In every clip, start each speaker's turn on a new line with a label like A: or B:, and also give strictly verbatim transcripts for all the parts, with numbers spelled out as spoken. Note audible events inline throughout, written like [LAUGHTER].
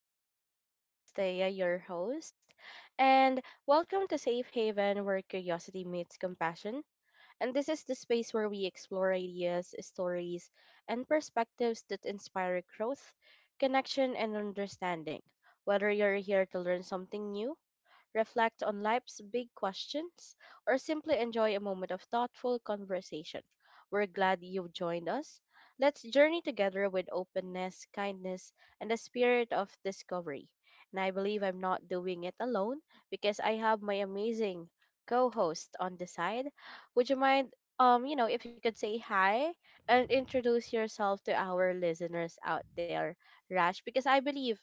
A: Hi podcast. This is Thea, your host, and welcome to Safe Haven where curiosity meets compassion. And this is the space where we explore ideas, stories, and perspectives that inspire growth, connection, and understanding. Whether you're here to learn something new, reflect on life's big questions, or simply enjoy a moment of thoughtful conversation, we're glad you've joined us. Let's journey together with openness, kindness, and a spirit of discovery. And I believe I'm not doing it alone because I have my amazing co-host on the side. Would you mind um, you know, if you could say hi and introduce yourself to our listeners out there, Rash, because I believe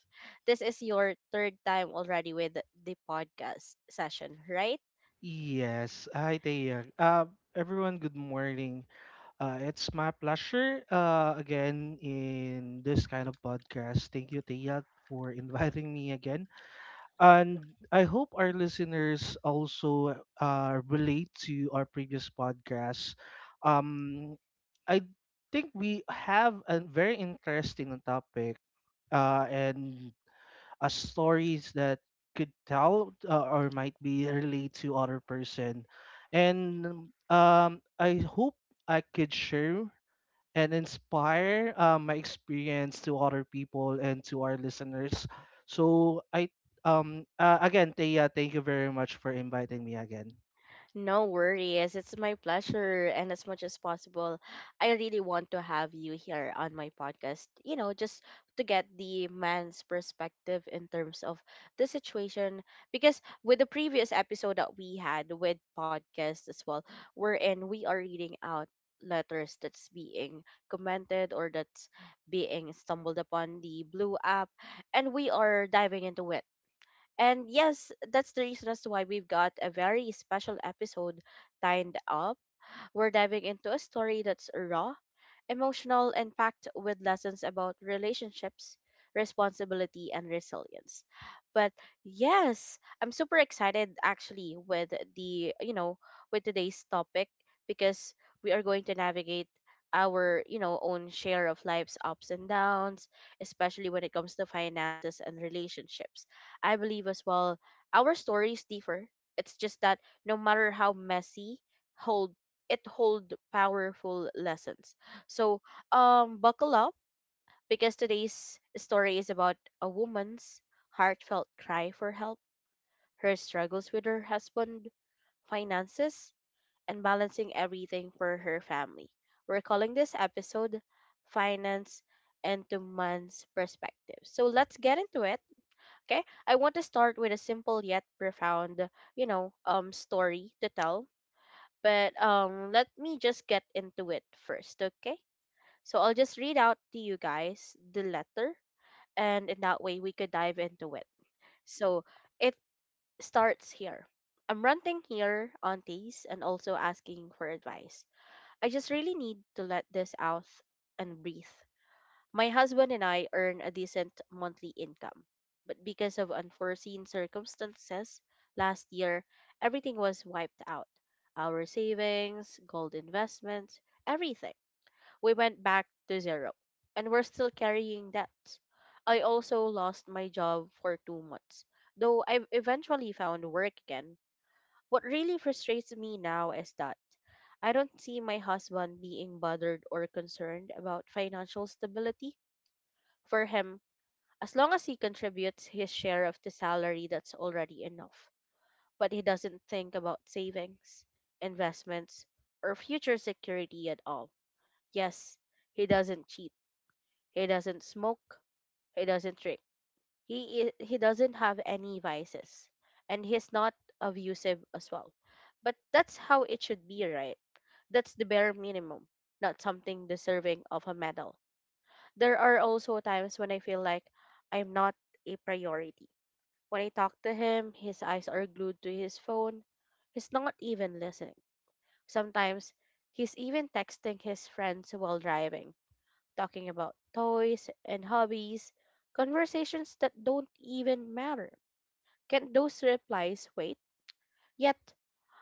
A: this is your third time already with the podcast session, right?
B: Yes, hi there. Uh, everyone, good morning. Uh, it's my pleasure uh, again in this kind of podcast. Thank you, Tia, for [LAUGHS] inviting me again. And I hope our listeners also uh, relate to our previous podcast. Um, I think we have a very interesting topic uh, and uh, stories that could tell uh, or might be relate to other person and um, I hope I could share and inspire uh, my experience to other people and to our listeners so I um uh, again Thea, thank you very much for inviting me again.
A: No worries. It's my pleasure. And as much as possible, I really want to have you here on my podcast, you know, just to get the man's perspective in terms of the situation. Because with the previous episode that we had with podcast as well, wherein we are reading out letters that's being commented or that's being stumbled upon the blue app and we are diving into it, and yes, that's the reason as to why we've got a very special episode lined up. We're diving into a story that's raw, emotional impact with lessons about relationships, responsibility, and resilience. But yes, I'm super excited actually with the, you know, with today's topic because we are going to navigate our, you know, own share of life's ups and downs, especially when it comes to finances and relationships. I believe as well our stories differ. It's just that no matter how messy, hold it hold powerful lessons. So, um, buckle up, because today's story is about a woman's heartfelt cry for help, her struggles with her husband, finances, and balancing everything for her family. We're calling this episode Finance into Man's Perspective. So let's get into it. Okay. I want to start with a simple yet profound, you know, um story to tell. But um let me just get into it first, okay? So I'll just read out to you guys the letter, and in that way we could dive into it. So it starts here. I'm ranting here, aunties, and also asking for advice. I just really need to let this out and breathe. My husband and I earn a decent monthly income, but because of unforeseen circumstances last year, everything was wiped out. Our savings, gold investments, everything. We went back to zero, and we're still carrying debts. I also lost my job for two months, though I eventually found work again. What really frustrates me now is that I don't see my husband being bothered or concerned about financial stability. For him, as long as he contributes his share of the salary, that's already enough. But he doesn't think about savings, investments, or future security at all. Yes, he doesn't cheat, he doesn't smoke. He doesn't drink. He i- he doesn't have any vices, and he's not abusive as well. But that's how it should be, right? That's the bare minimum, not something deserving of a medal. There are also times when I feel like I'm not a priority. When I talk to him, his eyes are glued to his phone. He's not even listening. Sometimes he's even texting his friends while driving, talking about toys and hobbies, conversations that don't even matter. Can those replies wait? Yet,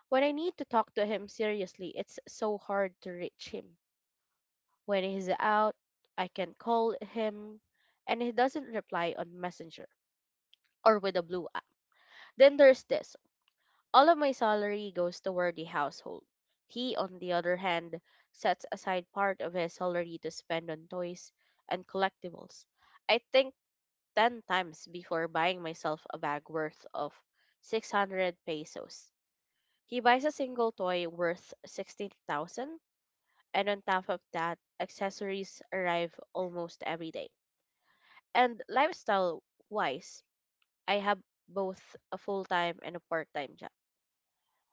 A: when I need to talk to him seriously, it's so hard to reach him. When he's out, I can call him and he doesn't reply on Messenger or with a blue app. Then there's this. All of my salary goes toward the household. He, on the other hand, sets aside part of his salary to spend on toys and collectibles. I think ten times before buying myself a bag worth of six hundred pesos. He buys a single toy worth sixteen thousand, and on top of that, accessories arrive almost every day. And lifestyle wise, I have both a full time and a part time job.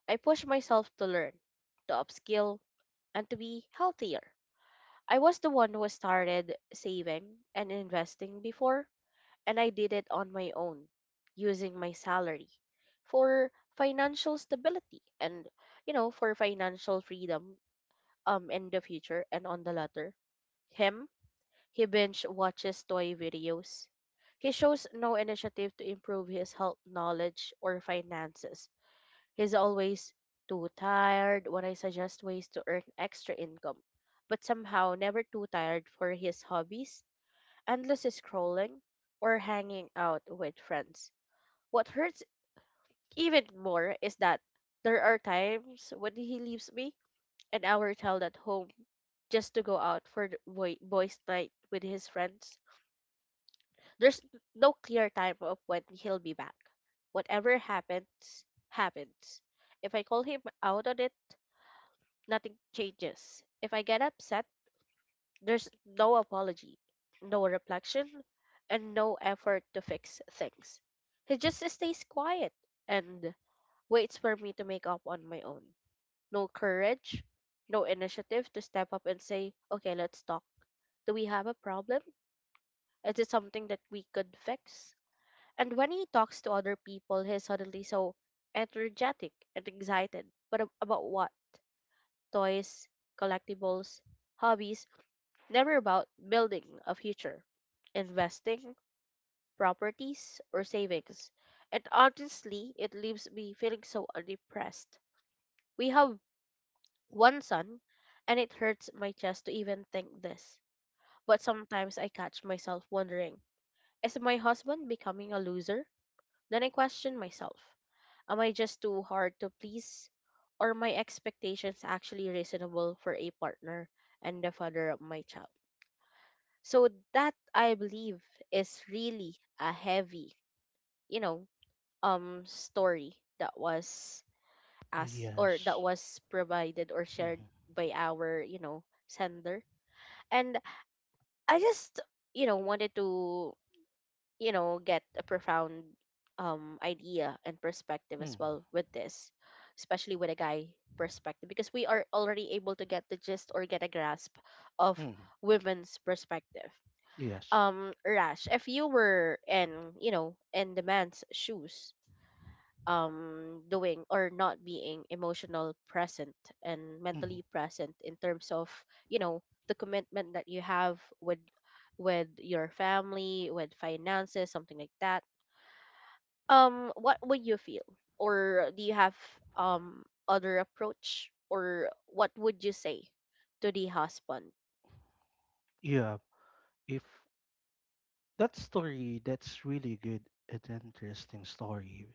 A: I push myself to learn, to upskill, and to be healthier. I was the one who started saving and investing before, and I did it on my own using my salary for financial stability and, you know for financial freedom, um in the future. And on the latter, him, he binge watches toy videos. He shows no initiative to improve his health, knowledge, or finances. He's always too tired when I suggest ways to earn extra income, but somehow never too tired for his hobbies, endless scrolling, or hanging out with friends. What hurts even more is that there are times when he leaves me an hour child at home just to go out for the boy, boys' night with his friends. There's n- no clear time of when he'll be back. Whatever happens, happens. If I call him out on it, nothing changes. If I get upset, there's no apology, no reflection, and no effort to fix things. He just stays quiet and waits for me to make up on my own. No courage, no initiative to step up and say, okay, let's talk. Do we have a problem? Is it something that we could fix? And when he talks to other people, he's suddenly so energetic and excited. But ab- about what? Toys, collectibles, hobbies. Never about building a future, investing, properties, or savings. And honestly, it leaves me feeling so unimpressed. We have one son, and it hurts my chest to even think this. But sometimes I catch myself wondering, is my husband becoming a loser? Then I question myself, am I just too hard to please? Or my expectations actually reasonable for a partner and the father of my child? So that, I believe, is really a heavy, you know, um story that was asked or that
B: Yes.
A: was provided or shared
B: Mm-hmm.
A: by our, you know, sender. And I just, you know, wanted to, you know, get a profound um idea and perspective as
B: Mm-hmm.
A: well with this, especially with a guy perspective, because we are already able to get the gist or get a grasp of
B: Mm-hmm.
A: women's perspective.
B: Yes.
A: um Rash, if you were in you know in the man's shoes, um doing or not being emotional present and
B: Mm-hmm.
A: mentally present in terms of, you know the commitment that you have with with your family, with finances, something like that, um what would you feel? Or do you have um other approach or what would you say to the husband?
B: yeah if that story, that's really good, an interesting story.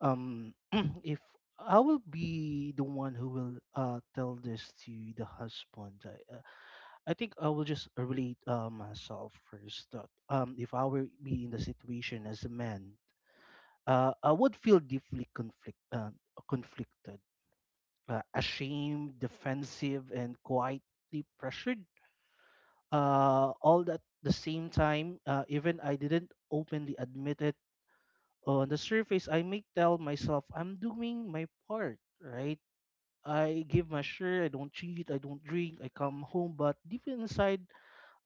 B: um [CLEARS THROAT] if I will be the one who will uh tell this to the husband. I, uh, I think I will just relate uh, myself first. That um, if I were be in the situation as a man, uh, I would feel deeply conflict uh, conflicted, uh, ashamed, defensive, and quietly pressured. Uh, all at the same time, uh, even I didn't openly admit it. On the surface, I may tell myself I'm doing my part, right? I give my share. I don't cheat. I don't drink. I come home, but deep inside,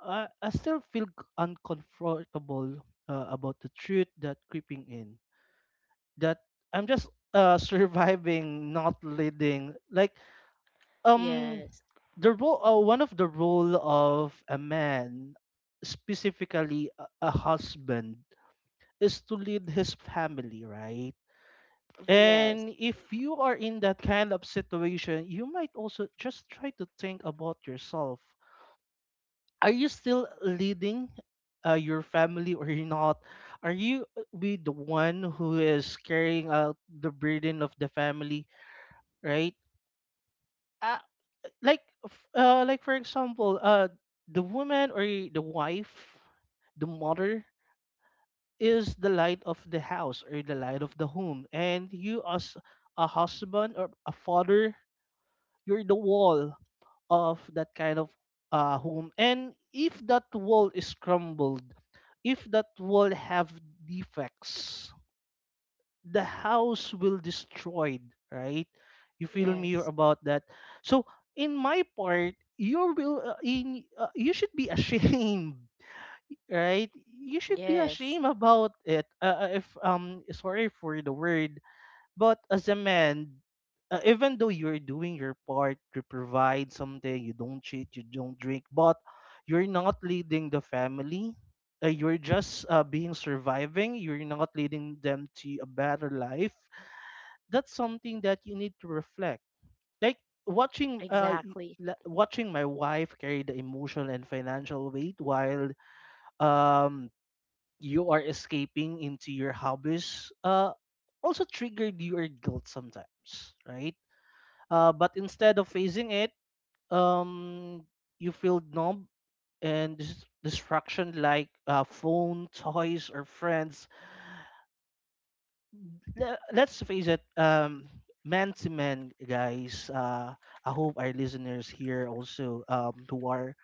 B: I, I still feel c- uncomfortable uh, about the truth that creeping in. That I'm just uh, [LAUGHS] surviving, not leading. Like um,
A: Yes.
B: the role, uh, one of the role of a man, specifically a, a husband, is to lead his family, right?
A: Yes.
B: And if you are in that kind of situation, you might also just try to think about yourself. Are you still leading uh, your family or you're not? Are you uh, be the one who is carrying out the burden of the family, right? Uh, like, f- uh, like for example, uh, the woman or the wife, the mother is the light of the house or the light of the home, and you as a husband or a father, you're the wall of that kind of uh, home. And if that wall is crumbled, if that wall have defects, the house will destroyed, right? You feel me
A: Yes.
B: about that? So in my part, you will uh, in uh, you should be ashamed, [LAUGHS] right? You should be
A: Yes.
B: ashamed about it. Uh, uh, if um sorry for the word, but as a man, uh, even though you're doing your part, you provide something, you don't cheat, you don't drink, but you're not leading the family. Uh, you're just uh, being surviving. You're not leading them to a better life. That's something that you need to reflect. Like watching, uh, y-
A: Exactly.
B: la- watching my wife carry the emotional and financial weight while um you are escaping into your hobbies uh also triggered your guilt sometimes, right? Uh but instead of facing it, um you feel numb and dis- distraction like uh, phone, toys, or friends. Le- let's face it, um, man to man, guys. Uh, I hope our listeners here also, um, who are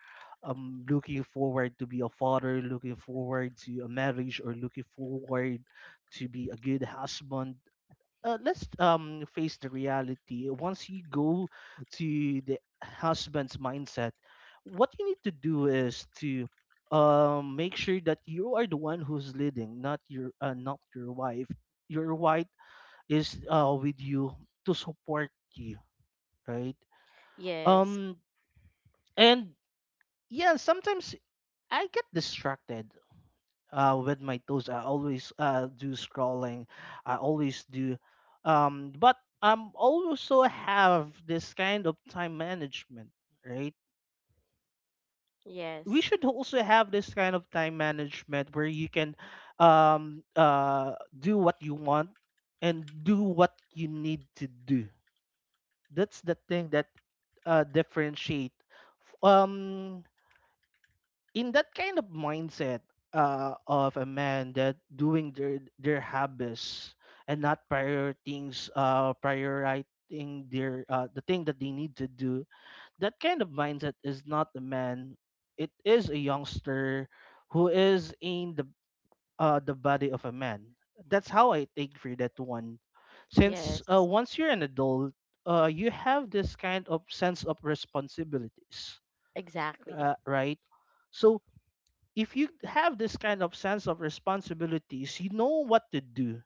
B: um, looking forward to be a father, looking forward to a marriage, or looking forward to be a good husband, uh, let's um face the reality. Once you go to the husband's mindset, what you need to do is to um make sure that you are the one who's leading, not your uh, not your wife. Your wife is uh with you to support you, right?
A: Yes.
B: Um and yeah, sometimes I get distracted uh, with my toes. I always uh, do scrolling. I always do. Um, but I'm also have this kind of time management, right? We
A: Yes.
B: should also have this kind of time management where you can um, uh, do what you want and do what you need to do. That's the thing that uh, differentiate. Um, in that kind of mindset uh, of a man that doing their their habits and not prior things uh prioritizing their uh, the thing that they need to do, that kind of mindset is not a man, it is a youngster who is in the uh the body of a man. That's how I think for that one. Since uh,
A: Yes.
B: once you're an adult, uh you have this kind of sense of responsibilities,
A: Exactly.
B: uh, right? So if you have this kind of sense of responsibilities, you know what to do.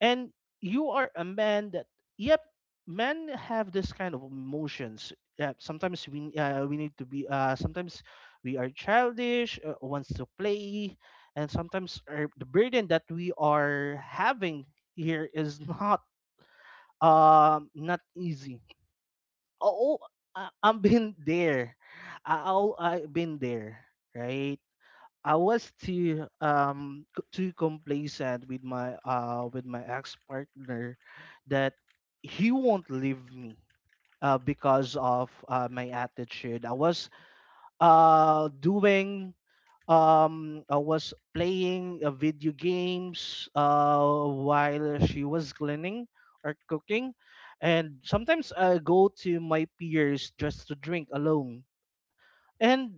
B: And you are a man that, yep, men have this kind of emotions. Yeah, sometimes we uh, we need to be uh sometimes we are childish, uh, wants to play, and sometimes our, the burden that we are having here is [LAUGHS] not um not easy. Oh, oh, I, I've been there. I, I'll- I've been there, right? I was too um c- too complacent with my uh with my ex partner that he won't leave me uh, because of uh, my attitude. I was uh doing um I was playing uh, video games uh while she was cleaning or cooking, and sometimes I go to my peers just to drink alone, and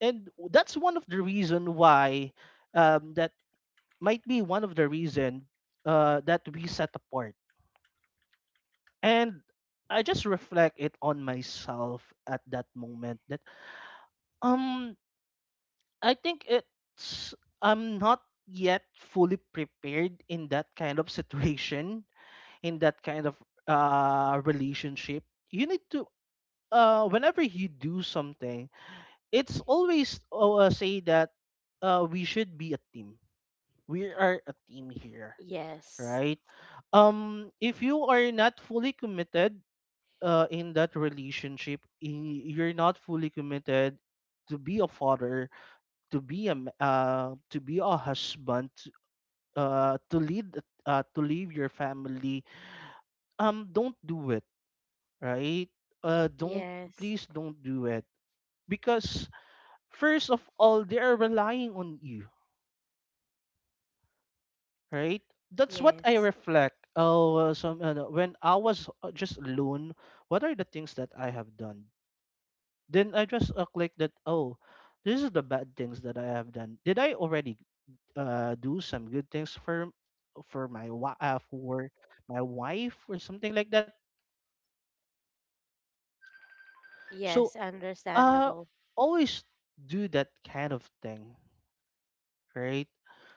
B: and that's one of the reason why um, that might be one of the reason uh, that we set apart. And I just reflect it on myself at that moment that um I think it's I'm not yet fully prepared in that kind of situation [LAUGHS] in that kind of uh relationship. You need to uh whenever you do something, it's always uh, say that uh we should be a team. We are a team here,
A: Yes.
B: right? Um, if you are not fully committed uh, in that relationship, i- you're not fully committed to be a father, to be a m- uh, to be a husband, uh, to lead uh, to leave your family. Um, don't do it, right? Uh, don't
A: Yes.
B: please don't do it because first of all they are relying on you, right? That's what I
A: Yes.
B: reflect. Oh, uh, some uh, When I was uh, just alone, what are the things that I have done? Then I just uh, click that. Oh, this is the bad things that I have done. Did I already uh do some good things for for my wa- uh, for my wife or something like that? So
A: Yes.
B: uh,
A: Understandable.
B: always do that kind of thing, right?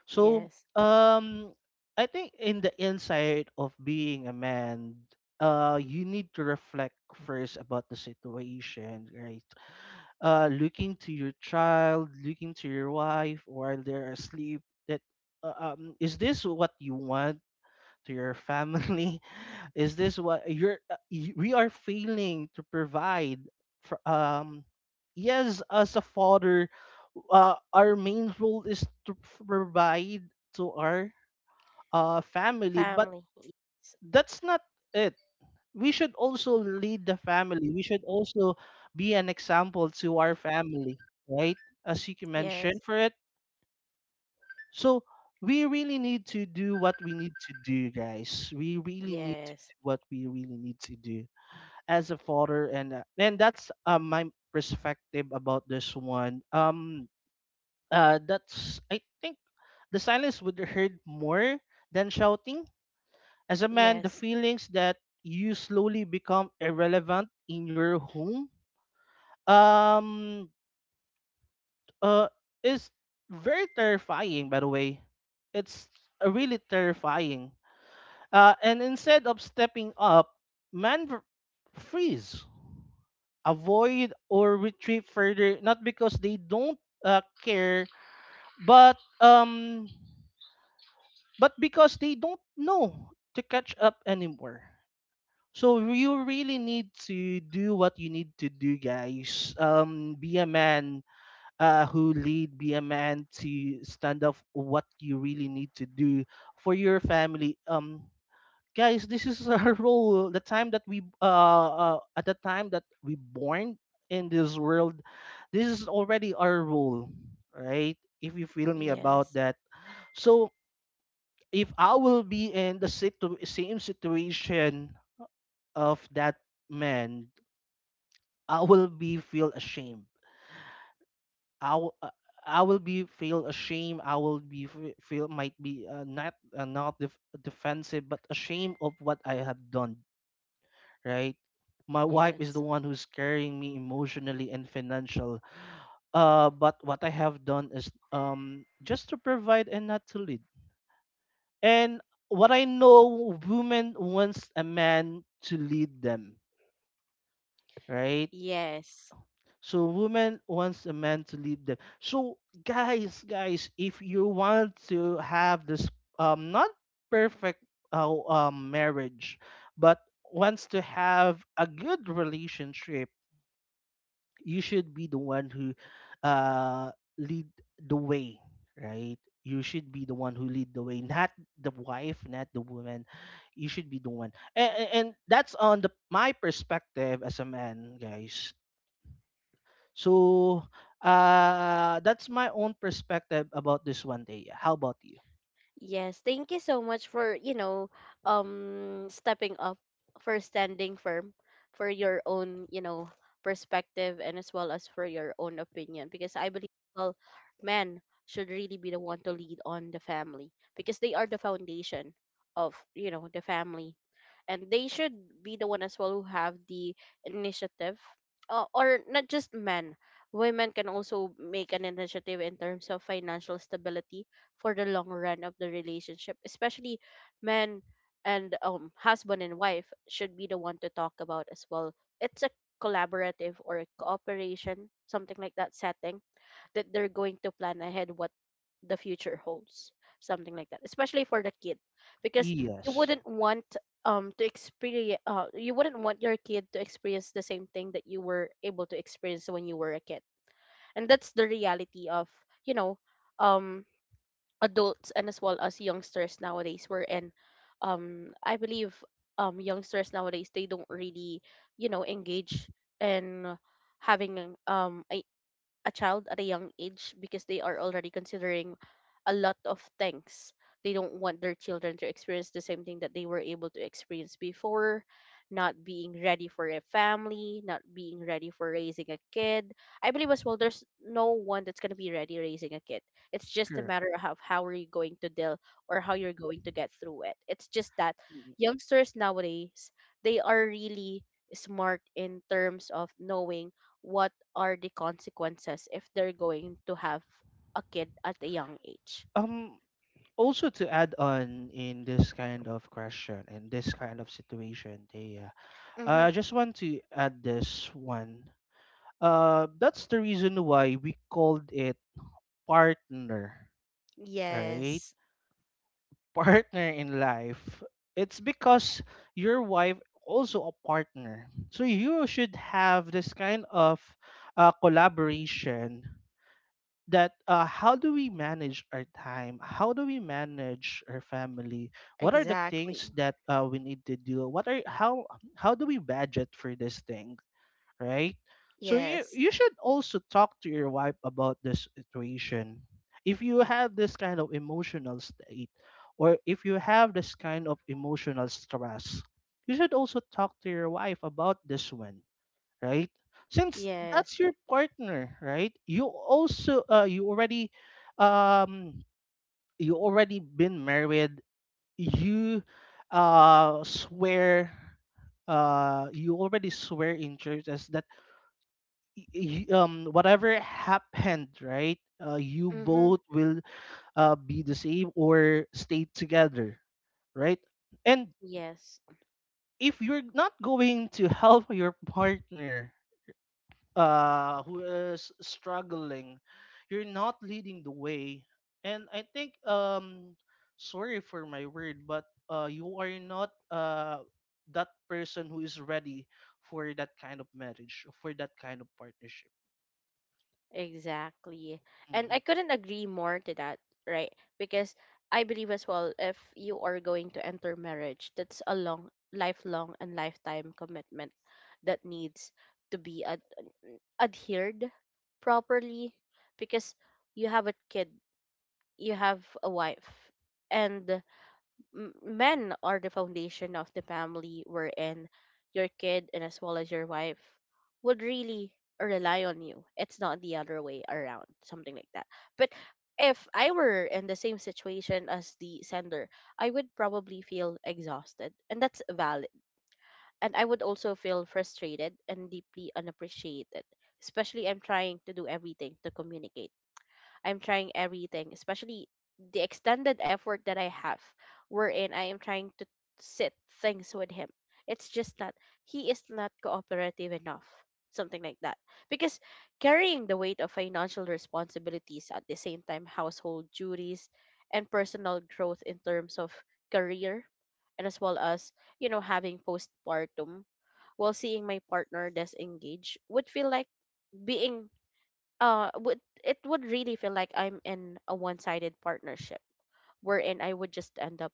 B: So,
A: Yes.
B: um, I think in the inside of being a man, uh, you need to reflect first about the situation, right? Uh, looking to your child, looking to your wife while they're asleep. That uh, um, is this what you want to your family? [LAUGHS] Is this what you're? uh, y- We are failing to provide. For, um, yes, as a father, uh, our main role is to provide to our uh family, but
A: Family.
B: that's not it. We should also lead the family. We should also be an example to our family, right? As you
A: Yes.
B: mentioned, for it. So we really need to do what we need to do, guys. We really need to
A: Yes.
B: do what we really need to do as a father, and uh, and that's uh, my perspective about this one. Um, uh, that's I think the silence would hurt more than shouting. As a man, the
A: Yes.
B: feelings that you slowly become irrelevant in your home, um, uh, is very terrifying. By the way, it's uh, really terrifying. Uh, and instead of stepping up, man v- freeze, avoid or retreat further, not because they don't uh, care, but um, but because they don't know to catch up anymore. So you really need to do what you need to do, guys. Um, be a man uh, who lead. Be a man to stand up for what you really need to do for your family. Um, guys, this is our [LAUGHS] role. The time that we uh, uh at the time that we born in this world, this is already our role, right? If you feel me about
A: Yes.
B: that. So if I will be in the situ- same situation of that man, I will be feel ashamed. i will uh, I will be feel ashamed. I will be fe- feel might be uh, not uh, not def- defensive, but ashamed of what I have done, right? My
A: Yes.
B: wife is the
A: Yes.
B: one who's carrying me emotionally and financial. Uh, but what I have done is um just to provide and not to lead. And what I know, woman wants a man to lead them, right?
A: Yes,
B: So woman wants a man to lead them. So guys, guys, if you want to have this um not perfect uh, um marriage, but wants to have a good relationship, you should be the one who uh lead the way, right? You should be the one who lead the way, not the wife, not the woman. You should be the one, and, and that's on the my perspective as a man, guys. So uh that's my own perspective about this one day. How about you?
A: Yes, thank you so much for, you know, um stepping up, for standing firm for your own, you know, perspective, and as well as for your own opinion, because I believe, well, men should really be the one to lead on the family, because they are the foundation of, you know, the family, and they should be the one as well who have the initiative, uh, or not just men, women can also make an initiative in terms of financial stability for the long run of the relationship, especially men. And um husband and wife should be the one to talk about as well. It's a collaborative or a cooperation, something like that, setting that they're going to plan ahead what the future holds, something like that, especially for the kid, because you
B: Yes.
A: wouldn't want um to experience uh, you wouldn't want your kid to experience the same thing that you were able to experience when you were a kid. And that's the reality of, you know um adults and as well as youngsters nowadays. We're in, um I believe, um youngsters nowadays, they don't really, you know engage in having um a a child at a young age because they are already considering a lot of things. They don't want their children to experience the same thing that they were able to experience before, not being ready for a family, not being ready for raising a kid. I believe as well there's no one that's going to be ready raising a kid. It's just a
B: Sure.
A: matter of how are you going to deal or how you're going to get through it. It's just that youngsters nowadays, they are really smart in terms of knowing what are the consequences if they're going to have a kid at a young age.
B: um Also to add on in this kind of question, in this kind of situation, they
A: Mm-hmm.
B: Uh, I just want to add this one. Uh, that's the reason why we called it partner, right?
A: Yes,
B: [LAUGHS] Partner in life. It's because your wife also a partner. So you should have this kind of uh, collaboration, that uh, how do we manage our time? How do we manage our family? What are the things
A: exactly.
B: that uh, we need to do? What are how how do we budget for these things? Right? So you
A: Yes.
B: you should also talk to your wife about this situation. If you have this kind of emotional state or if you have this kind of emotional stress, you should also talk to your wife about this one, right? Since that's
A: Yes.
B: your partner, right? You also uh, you already um you already been married. You uh swear uh you already swear in church as that y- um whatever happened, right? Uh, you
A: Mm-hmm.
B: both will uh, be the same or stay together, right? And
A: Yes,
B: if you're not going to help your partner uh who is struggling, you're not leading the way. And I think um sorry for my word, but uh you are not uh that person who is ready for that kind of marriage, for that kind of partnership.
A: exactly. And I
B: Hmm.
A: couldn't agree more to that, right? Because I believe as well, if you are going to enter marriage, that's a long, lifelong, and lifetime commitment that needs to be a adhered properly, because you have a kid, you have a wife, and m- men are the foundation of the family, wherein your kid and as well as your wife would really rely on you. It's not the other way around, something like that. But if I were in the same situation as the sender, I would probably feel exhausted, and that's valid and I would also feel frustrated and deeply unappreciated. Especially, I'm trying to do everything to communicate. I'm trying everything, especially the extended effort that I have, wherein I am trying to sit things with him. It's just that he is not cooperative enough, something like that. Because carrying the weight of financial responsibilities at the same time, household duties and personal growth in terms of career, and as well as, you know, having postpartum while seeing my partner disengage would feel like being uh would it would really feel like I'm in a one-sided partnership wherein I would just end up,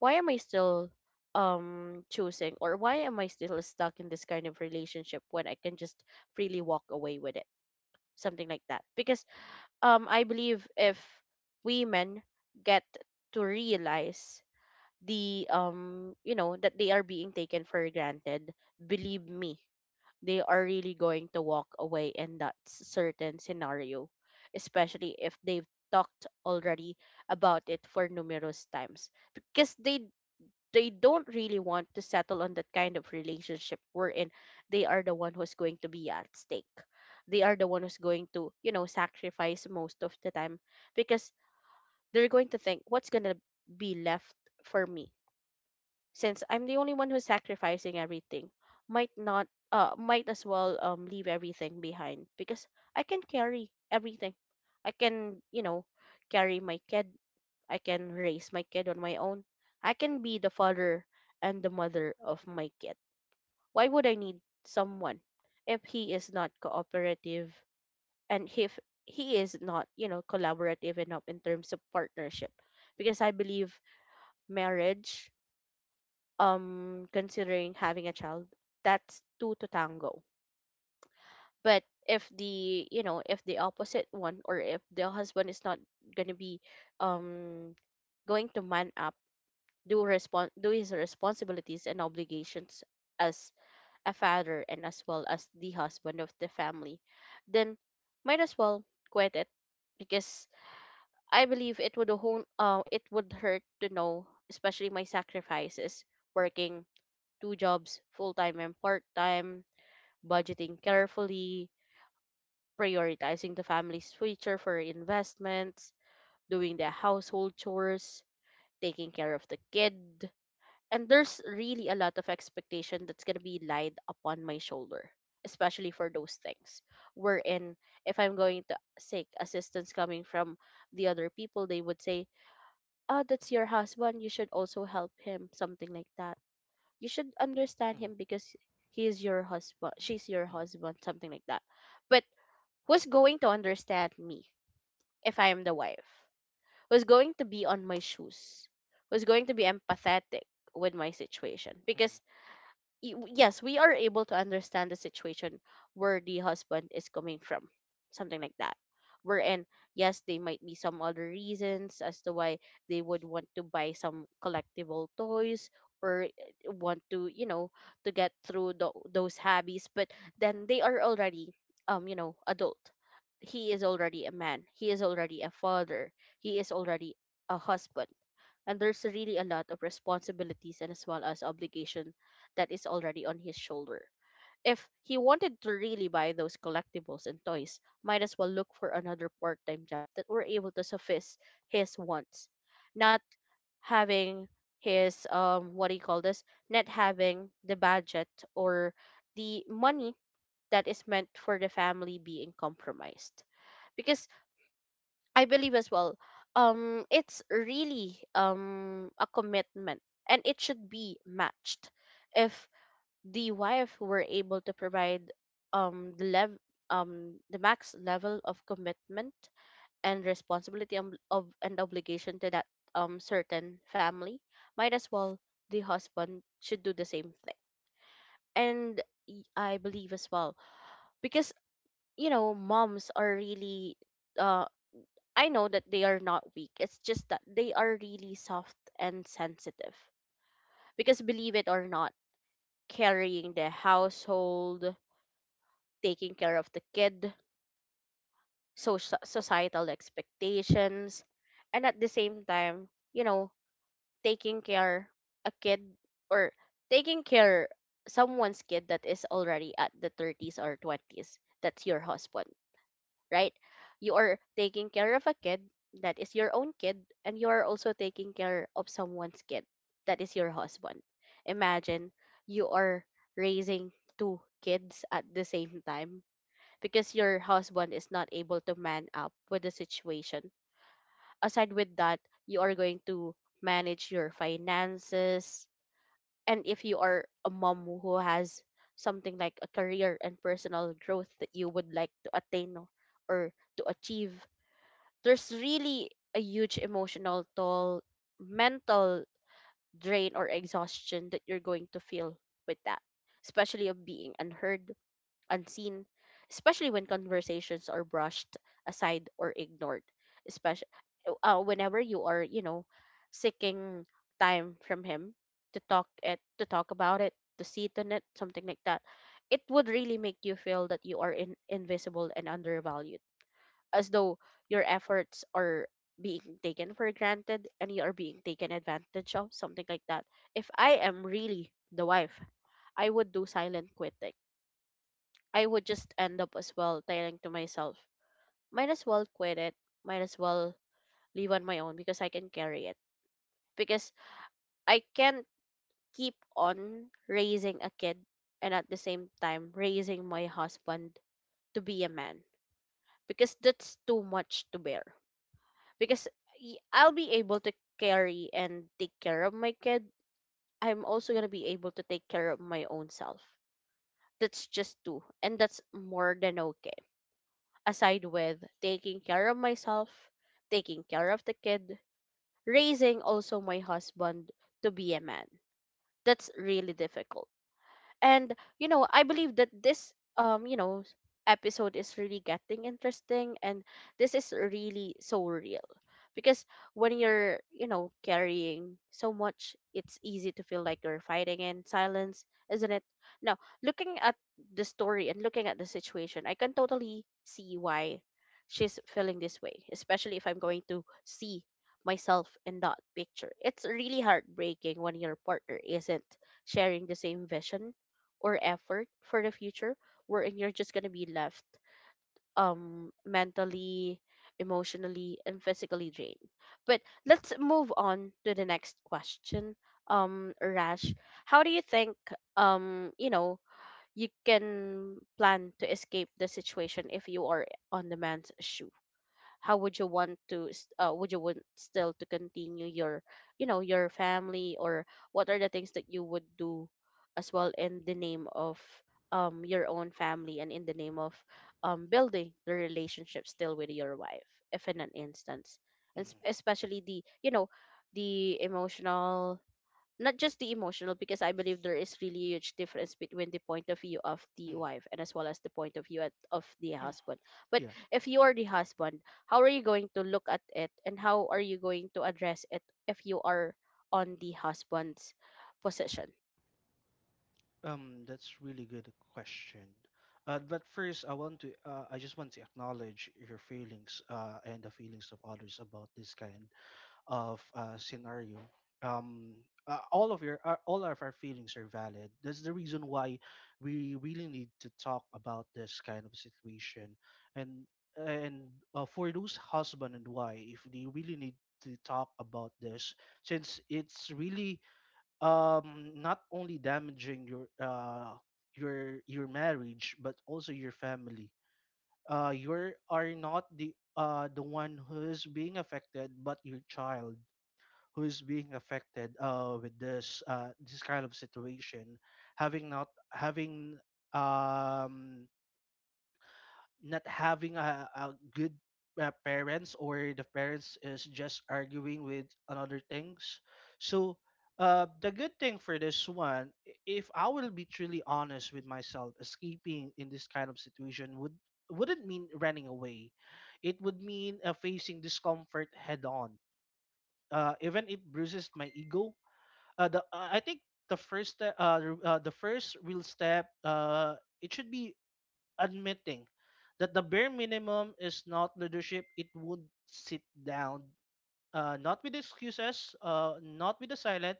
A: why am I still um choosing, or why am I still stuck in this kind of relationship when I can just freely walk away with it, something like that? Because um I believe if women get to realize the um you know that they are being taken for granted, believe me, they are really going to walk away in that s- certain scenario, especially if they've talked already about it for numerous times, because they they don't really want to settle on that kind of relationship wherein they are the one who's going to be at stake. They are the one who's going to, you know, sacrifice most of the time, because they're going to think, what's going to be left for me since I'm the only one who's sacrificing everything? Might not, uh might as well um leave everything behind, because I can carry everything. I can, you know, carry my kid. I can raise my kid on my own. I can be the father and the mother of my kid. Why would I need someone if he is not cooperative and if he is not, you know, collaborative enough in terms of partnership? Because I believe marriage, um considering having a child, that's two to tango. But if the, you know, if the opposite one, or if the husband is not going to be um going to man up, do respon do his responsibilities and obligations as a father and as well as the husband of the family, then might as well quit it, because I believe it would hon- uh, it would hurt to know, especially my sacrifices: working two jobs, full time and part time, budgeting carefully, prioritizing the family's future for investments, doing the household chores, taking care of the kid. And there's really a lot of expectation that's going to be laid upon my shoulder, especially for those things. Wherein, if I'm going to seek assistance coming from the other people, they would say, "Ah, that's your husband. You should also help him," something like that. "You should understand him because he is your husband, she's your husband," something like that. But who's going to understand me if I am the wife? Who's going to be on my shoes? Who's going to be empathetic with my situation?
B: Mhm,
A: Because y- w- yes, we are able to understand the situation where the husband is coming from, something like that. Wherein, yes, there might be some other reasons as to why they would want to buy some collectible toys or uh, want to, you know, to get through tho- those hobbies. But then they are already, um, you know, adult. He is already a man. He is already a father. He is already a husband, and there's really a lot of responsibilities and as well as obligation that is already on his shoulder. If he wanted to really buy those collectibles and toys, might as well look for another part-time job that were able to suffice his wants, not having his um what do you call this? Not having the budget or the money that is meant for the family being compromised, because I believe as well. Um, it's really um a commitment, and it should be matched. If the wife were able to provide um the lev um the max level of commitment and responsibility, um, of and obligation to that um certain family, might as well the husband should do the same thing. And y- I believe as well, because you know, moms are really uh I know that they are not weak. It's just that they are really soft and sensitive. Because believe it or not, carrying the household, taking care of the kid, soci societal expectations, and at the same time, you know, taking care a kid or taking care someone's kid that is already at the thirties or twenties. That's your husband. Right? You are taking care of a kid that is your own kid, and you are also taking care of someone's kid that is your husband. Imagine you are raising two kids at the same time because your husband is not able to man up with the situation. Aside with that, you are going to manage your finances. And if you are a mom who has something like a career and personal growth that you would like to attain or to achieve, there's really a huge emotional toll, mental drain or exhaustion that you're going to feel with that, especially of being unheard, unseen, especially when conversations are brushed aside or ignored, especially uh, whenever you are, you know, seeking time from him to talk it, to talk about it, to sit on it, something like that. It would really make you feel that you are in, invisible and undervalued, as though your efforts are being taken for granted and you are being taken advantage of, something like that. If I am really the wife, I would do silent quitting. I would just end up as well telling to myself, might as well quit it, might as well leave on my own because I can carry it. Because I can't keep on raising a kid and at the same time raising my husband to be a man, because that's too much to bear. Because y- I'll be able to carry and take care of my kid. I'm also going to be able to take care of my own self. That's just two. And that's more than okay. Aside with taking care of myself, taking care of the kid, raising also my husband to be a man. That's really difficult. And you know, I believe that this, um, you know, episode is really getting interesting, and this is really so real. Because when you're, you know, carrying so much, it's easy to feel like you're fighting in silence, isn't it? Now, looking at the story and looking at the situation, I can totally see why she's feeling this way, especially if I'm going to see myself in that picture. It's really heartbreaking when your partner isn't sharing the same vision or effort for the future, wherein you're just gonna be left um mentally, emotionally and physically drained. But let's move on to the next question. Um Rash, how do you think, um you know, you can plan to escape the situation if you are on the man's shoe? How would you want to s- uh, would you want still to continue your, you know, your family, or what are the things that you would do as well in the name of um your own family, and in the name of um building the relationship still with your wife, if in an instance, and
B: mhm,
A: s- especially the, you know, the emotional, not just the emotional, because I believe there is really huge difference between the point of view of the
B: mm,
A: wife and as well as the point of view at, of the
B: mm.
A: husband, but
B: Yeah,
A: if you are the husband, how are you going to look at it and how are you going to address it if you are on the husband's position?
B: um, that's really good question. Uh, but first, I want to, uh, I just want to acknowledge your feelings, uh, and the feelings of others about this kind of uh, scenario. Um, uh, all of your, uh, all of our feelings are valid. That's the reason why we really need to talk about this kind of situation, and and uh, for those husband and wife, they really need to talk about this since it's really um not only damaging your uh your your marriage but also your family. Uh you are not the uh the one who's being affected, but your child who's being affected uh with this uh this kind of situation, having not having um not having a, a good uh, parents, or the parents is just arguing with another things. So uh, the good thing for this one, i- if I will be truly honest with myself, escaping in this kind of situation would wouldn't mean running away. It would mean uh, facing discomfort head on, uh, even it bruises my ego. uh, the, uh, I think the first step, uh, r- uh, the first real step, uh, it should be admitting that the bare minimum is not leadership. It would sit down, uh, not with excuses, uh, not with the silent,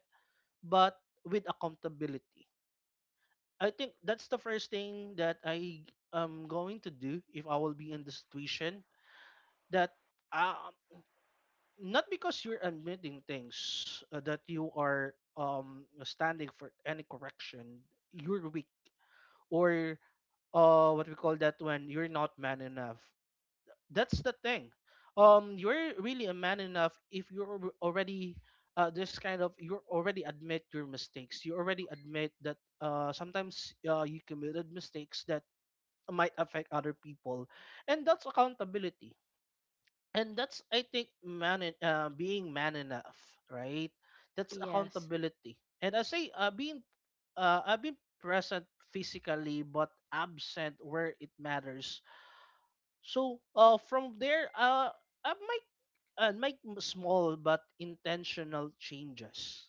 B: but with accountability. I think that's the first thing that I am going to do if I will be in the situation that um, not because you're admitting things uh, that you are um standing for any correction, you're weak, or uh what we call that, when you're not man enough. That's the thing. Um, you're really a man enough if you're al- already uh, this kind of you already admit your mistakes. You already admit that uh, sometimes uh, you committed mistakes that might affect other people, and that's accountability. And that's I think man en- uh, being man enough, right? That's
A: Yes.
B: accountability. And I say uh, being uh, I've been present physically but absent where it matters. So uh, from there, uh, uh, my and make m- small but intentional changes,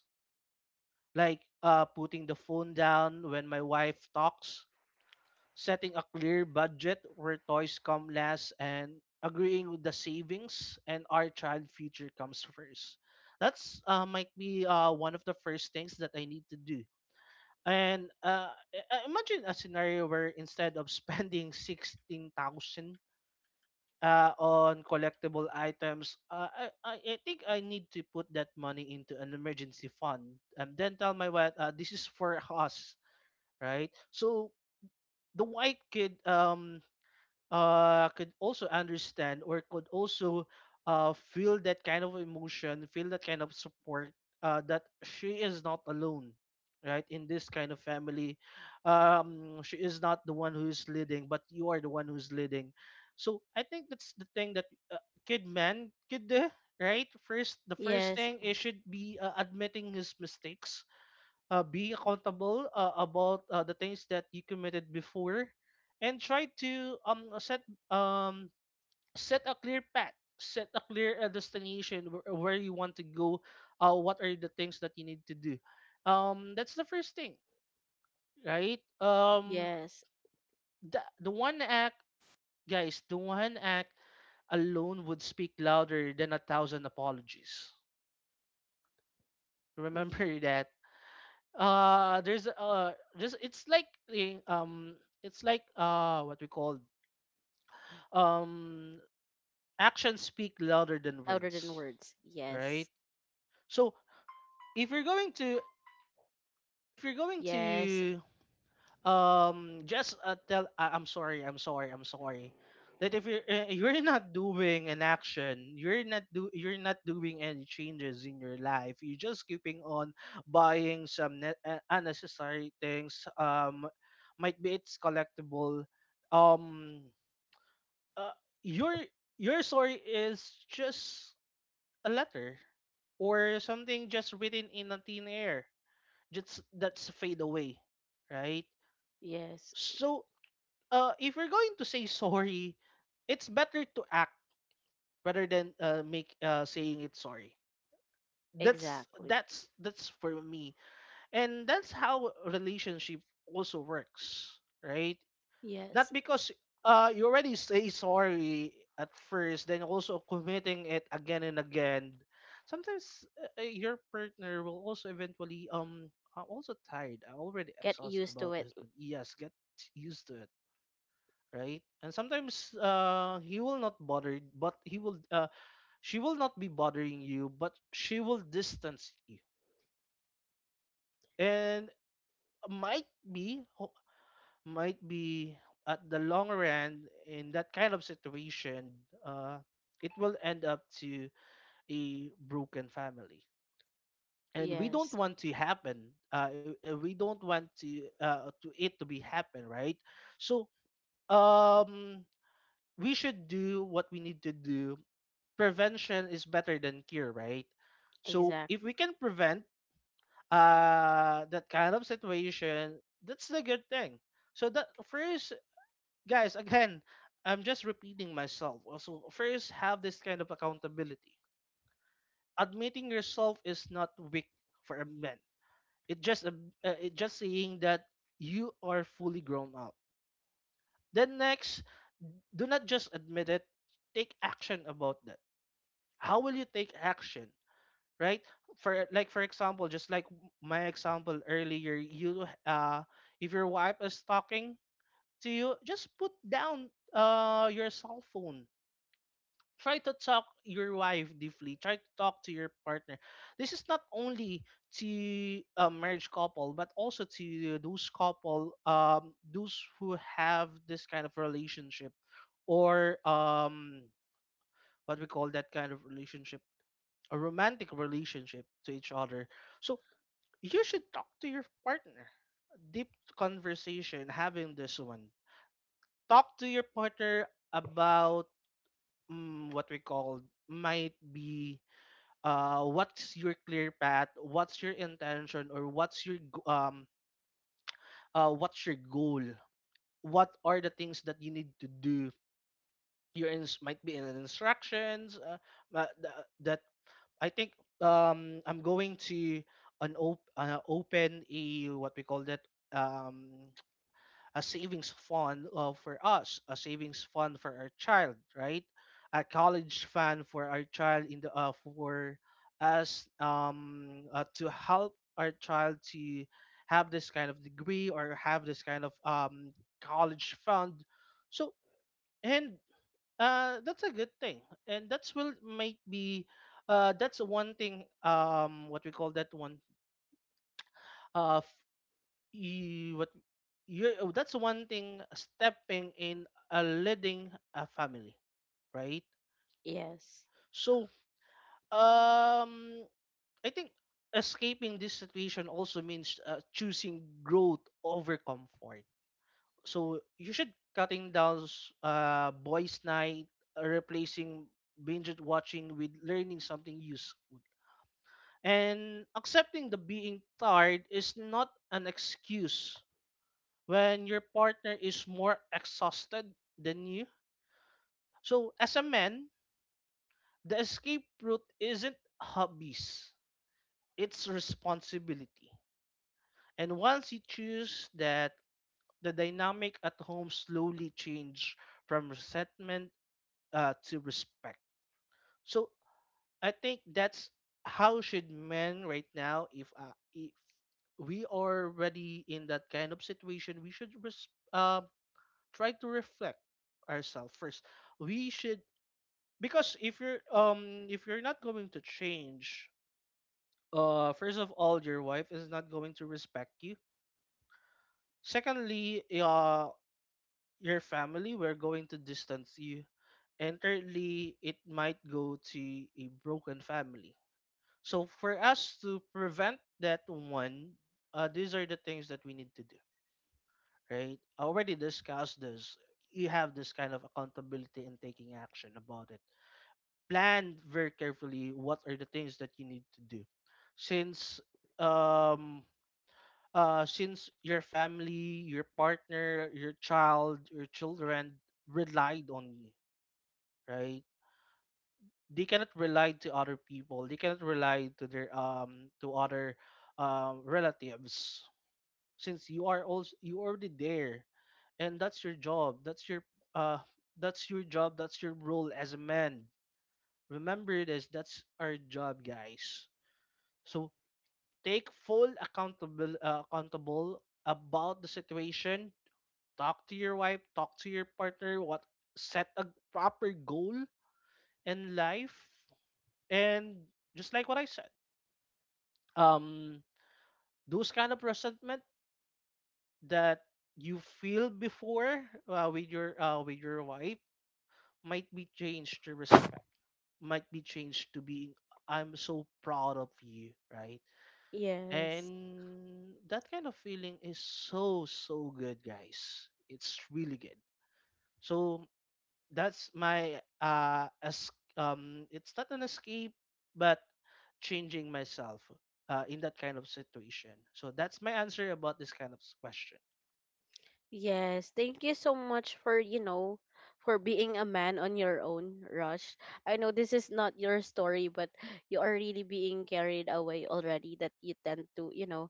B: like uh, putting the phone down when my wife talks, setting a clear budget where toys come last, and agreeing with the savings and our child future comes first. That's uh, might be uh, one of the first things that I need to do. And uh, i- I- imagine a scenario where instead of [LAUGHS] spending sixteen thousand uh, on collectible items. Uh, I, I I think I need to put that money into an emergency fund and then tell my wife, uh, this is for us, right? So the white kid um uh, could also understand, or could also uh, feel that kind of emotion, feel that kind of support, uh, that she is not alone, right? In this kind of family, um, she is not the one who's leading, but you are the one who's leading. So I think that's the thing that uh, kid man could do, right? First, the first
A: Yes.
B: thing it should be uh, admitting his mistakes, uh, be accountable uh, about uh, the things that you committed before, and try to um set um set a clear path, set a clear uh, destination, where, where you want to go, uh, what are the things that you need to do. Um that's the first thing, right? um
A: Yes.
B: the, the one act, guys, the one act alone would speak louder than a thousand apologies.
A: Y-
B: Remember [LAUGHS] that. Uh there's uh just It's like the um it's like uh what we call, um actions speak louder than
A: Louder than
B: words,
A: words,
B: right?
A: yes.
B: So if you're going to, if you're going
A: Yes.
B: to um just uh, tell uh, I'm sorry, I'm sorry, I'm sorry, that if you're uh, you're not doing an action, you're not do you're not doing any changes in your life, you're just keeping on buying some ne- uh, unnecessary things. Um might be it's collectible. um uh, your your story is just a letter or something just written in a thin air, just that's fade away, right?
A: Yes.
B: So uh, if you're going to say sorry, it's better to act rather than uh, make uh, saying it sorry. That's
A: Exactly.
B: that's that's for me, and that's how relationship also works, right? Not
A: Yes.
B: because uh, you already say sorry at first, then also committing it again and again. Sometimes uh, uh, your partner will also eventually um. I'm also tired. I'm already
A: Get
B: exhausted
A: used to
B: about
A: it.
B: this. But yes, get used to it, right? And sometimes uh he will not bother, but he will uh she will not be bothering you, but she will distance you. And might be ho- might be at the long run in that kind of situation, uh it will end up to a broken family. And we don't
A: Yes.
B: want to happen. Uh, uh, we don't want to uh, to it to be happen, right? So um, we should do what we need to do. Prevention is better than cure, right? So if
A: Exactly.
B: we can prevent uh that kind of situation, that's the good thing. So that first, guys, again, I'm just repeating myself. Also, first have this kind of accountability. Admitting yourself is not weak for a man. It just a- uh, it just saying that you are fully grown up. Then next, do not just admit it. Take action about that. How will you take action? Right? For like for example, just like w- my example earlier, you uh if your wife is talking to you, just put down uh your cell phone, try to talk your wife deeply, try to talk to your partner. This is not only to a marriage couple, but also to those couple, um those who have this kind of relationship, or um what we call that kind of relationship, a romantic relationship to each other. So you should talk to your partner. Deep conversation, having this one. Talk to your partner about, mm, what we call, might be uh, what's your clear path, what's your intention, or what's your g- um uh, what's your goal. What are the things that you need to do? Your ins- might be in instructions. Uh, ma- th- that I think um I'm going to an op- uh, open a what we call that, um a savings fund uh, for us, a savings fund for our child, right? A college fund for our child in the uh, for us um uh, to help our child to have this kind of degree or have this kind of um college fund. So and uh that's a good thing, and that's will might be uh that's one thing, um what we call that one, uh f- you what you oh, that's one thing stepping in a leading a family, right?
A: Yes.
B: So um I think escaping this situation also means uh, choosing growth over comfort. So you should cutting down s- uh boys night, uh, replacing binge watching with learning something useful, and accepting the being tired is not an excuse when your partner is more exhausted than you. So, as a man, the escape route isn't hobbies, it's responsibility. And once you choose that, the dynamic at home slowly change from resentment uh, to respect. So, I think that's how should men right now, if uh, if we are already in that kind of situation, we should res- uh, try to reflect ourselves first. We should, because if you're um if you're not going to change, uh first of all, your wife is not going to respect you. Secondly, uh your family we're going to distance you. And thirdly, it might go to a broken family. So for us to prevent that one, uh, these are the things that we need to do, right? I already discussed this. You have this kind of accountability and taking action about it. Plan very carefully what are the things that you need to do since um uh since your family, your partner, your child, your children relied on you, right? They cannot rely to other people. They cannot rely to their um to other um relatives since you are also, you already there. And that's your job, that's your uh that's your job, that's your role as a man. Remember this, that's our job, guys. So take full accountable, uh, accountable about the situation. Talk to your wife, talk to your partner, what, set a proper goal in life. And just like what I said, um those kind of resentment that you feel before uh, with your uh, with your wife might be changed to respect, might be changed to being I'm so proud of you, right?
A: Yes.
B: And that kind of feeling is so, so good, guys. It's really good. So that's my uh as um it's not an escape, but changing myself uh in that kind of situation. So that's my answer about this kind of s- question.
A: Yes, thank you so much for, you know, for being a man on your own, Rush. I know this is not your story, but you are really being carried away already that you tend to, you know,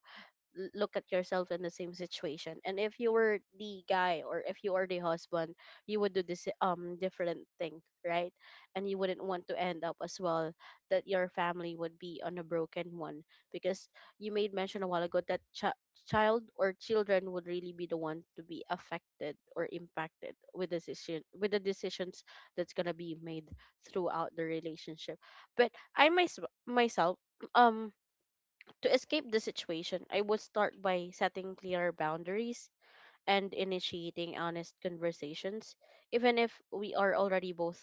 A: l- look at yourself in the same situation, and if you were the guy or if you are the husband, you would do this um different thing, right? And you wouldn't want to end up as well that your family would be on a broken one, because you made mention a while ago that ch- child or children would really be the one to be affected or impacted with decision with the decisions that's going to be made throughout the relationship. But i mys- myself, um to escape the situation, I would start by setting clear boundaries and initiating honest conversations, even if we are already both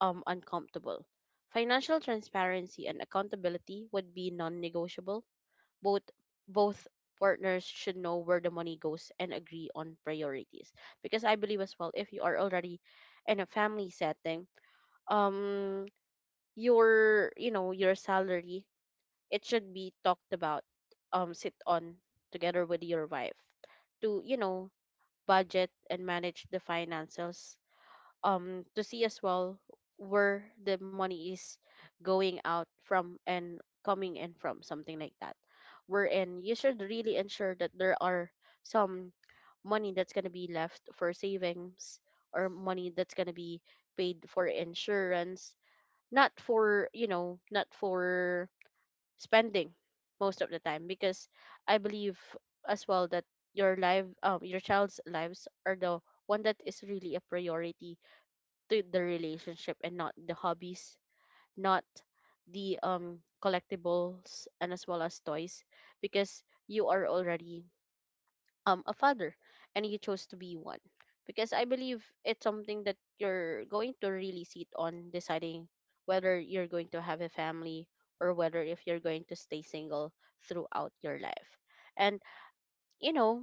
A: um, uncomfortable. Financial transparency and accountability would be non-negotiable. Both both partners should know where the money goes and agree on priorities. Because I believe as well, if you are already in a family setting, um, your you know your salary it should be talked about um sit on together with your wife to you know budget and manage the finances um to see as well where the money is going out from and coming in from something like that, wherein you should really ensure that there are some money that's going to be left for savings or money that's going to be paid for insurance, not for you know not for spending most of the time. Because I believe as well that your life, um your child's lives are the one that is really a priority to the relationship and not the hobbies, not the um collectibles and as well as toys, because you are already um a father and you chose to be one, because I believe it's something that you're going to really sit on deciding whether you're going to have a family or whether if you're going to stay single throughout your life. And you know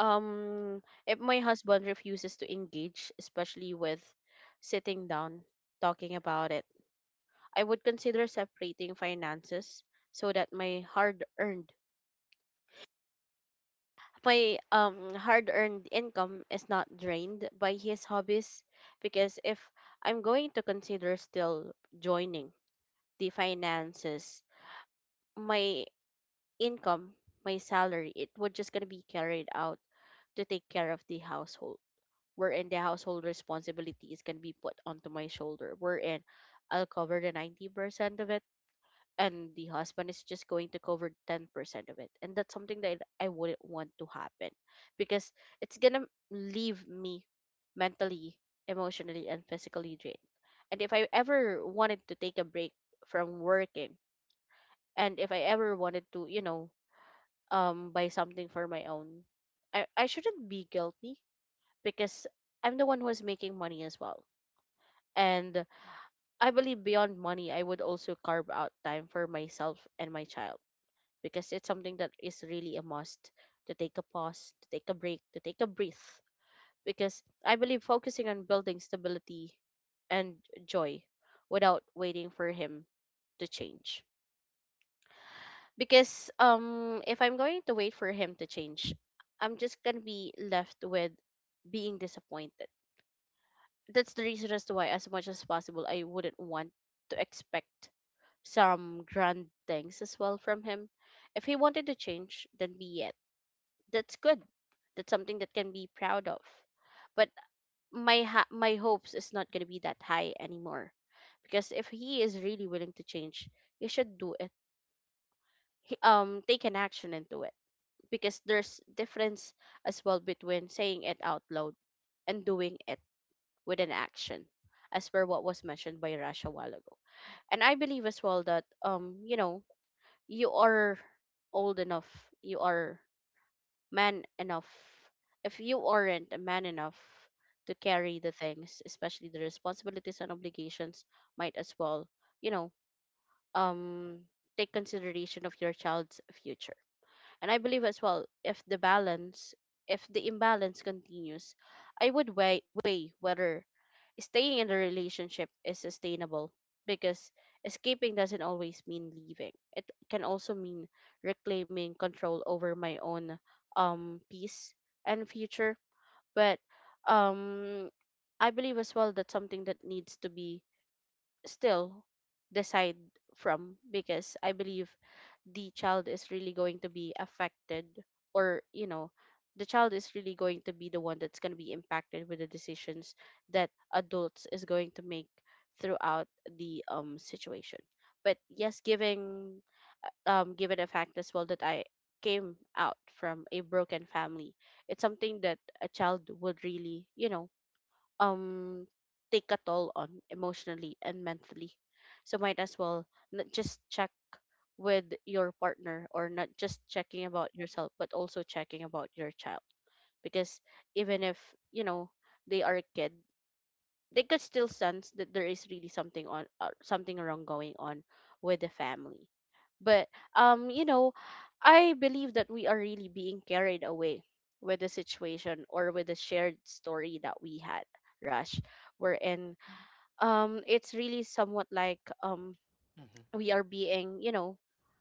A: um if my husband refuses to engage, especially with sitting down talking about it, I would consider separating finances so that my hard earned my um hard-earned income is not drained by his hobbies. Because if I'm going to consider still joining the finances, my income, my salary, it would just gonna be carried out to take care of the household. Wherein the household responsibilities can be put onto my shoulder. Wherein I'll cover the ninety percent of it and the husband is just going to cover ten percent of it, and that's something that I wouldn't want to happen because it's gonna leave me mentally, emotionally, and physically drained. And if I ever wanted to take a break from working, and if I ever wanted to you know um buy something for my own, i, I shouldn't be guilty because I'm the one who's making money as well. And I believe beyond money I would also carve out time for myself and my child because it's something that is really a must, to take a pause, to take a break, to take a breath. Because I believe focusing on building stability and joy without waiting for him to change. Because um, if I'm going to wait for him to change, I'm just gonna be left with being disappointed. That's the reason as to why, as much as possible, I wouldn't want to expect some grand things as well from him. If he wanted to change, then be it, that's good. That's something that can be proud of. But my ha- my hopes is not going to be that high anymore, because if he is really willing to change, he should do it. He, um, take an action and do it, because there's difference as well between saying it out loud and doing it with an action, as per what was mentioned by Rasha a while ago. And I believe as well that um, you know, you are old enough, you are man enough. If you aren't a man enough to carry the things, especially the responsibilities and obligations, might as well you know um take consideration of your child's future. And I believe as well, if the balance, if the imbalance continues, I would weigh, weigh whether staying in the relationship is sustainable, because escaping doesn't always mean leaving. It can also mean reclaiming control over my own um peace and future. But um I believe as well that something that needs to be still decide from, because I believe the child is really going to be affected, or you know the child is really going to be the one that's going to be impacted with the decisions that adults is going to make throughout the um situation. But yes, giving um given the fact as well that I came out from a broken family, it's something that a child would really you know um take a toll on emotionally and mentally. So might as well not just check with your partner or not just checking about yourself but also checking about your child, because even if you know they are a kid, they could still sense that there is really something on uh, something wrong going on with the family. But um you know I believe that we are really being carried away with the situation or with the shared story that we had, Rush, wherein um it's really somewhat like um
B: Hmm.
A: we are being, you know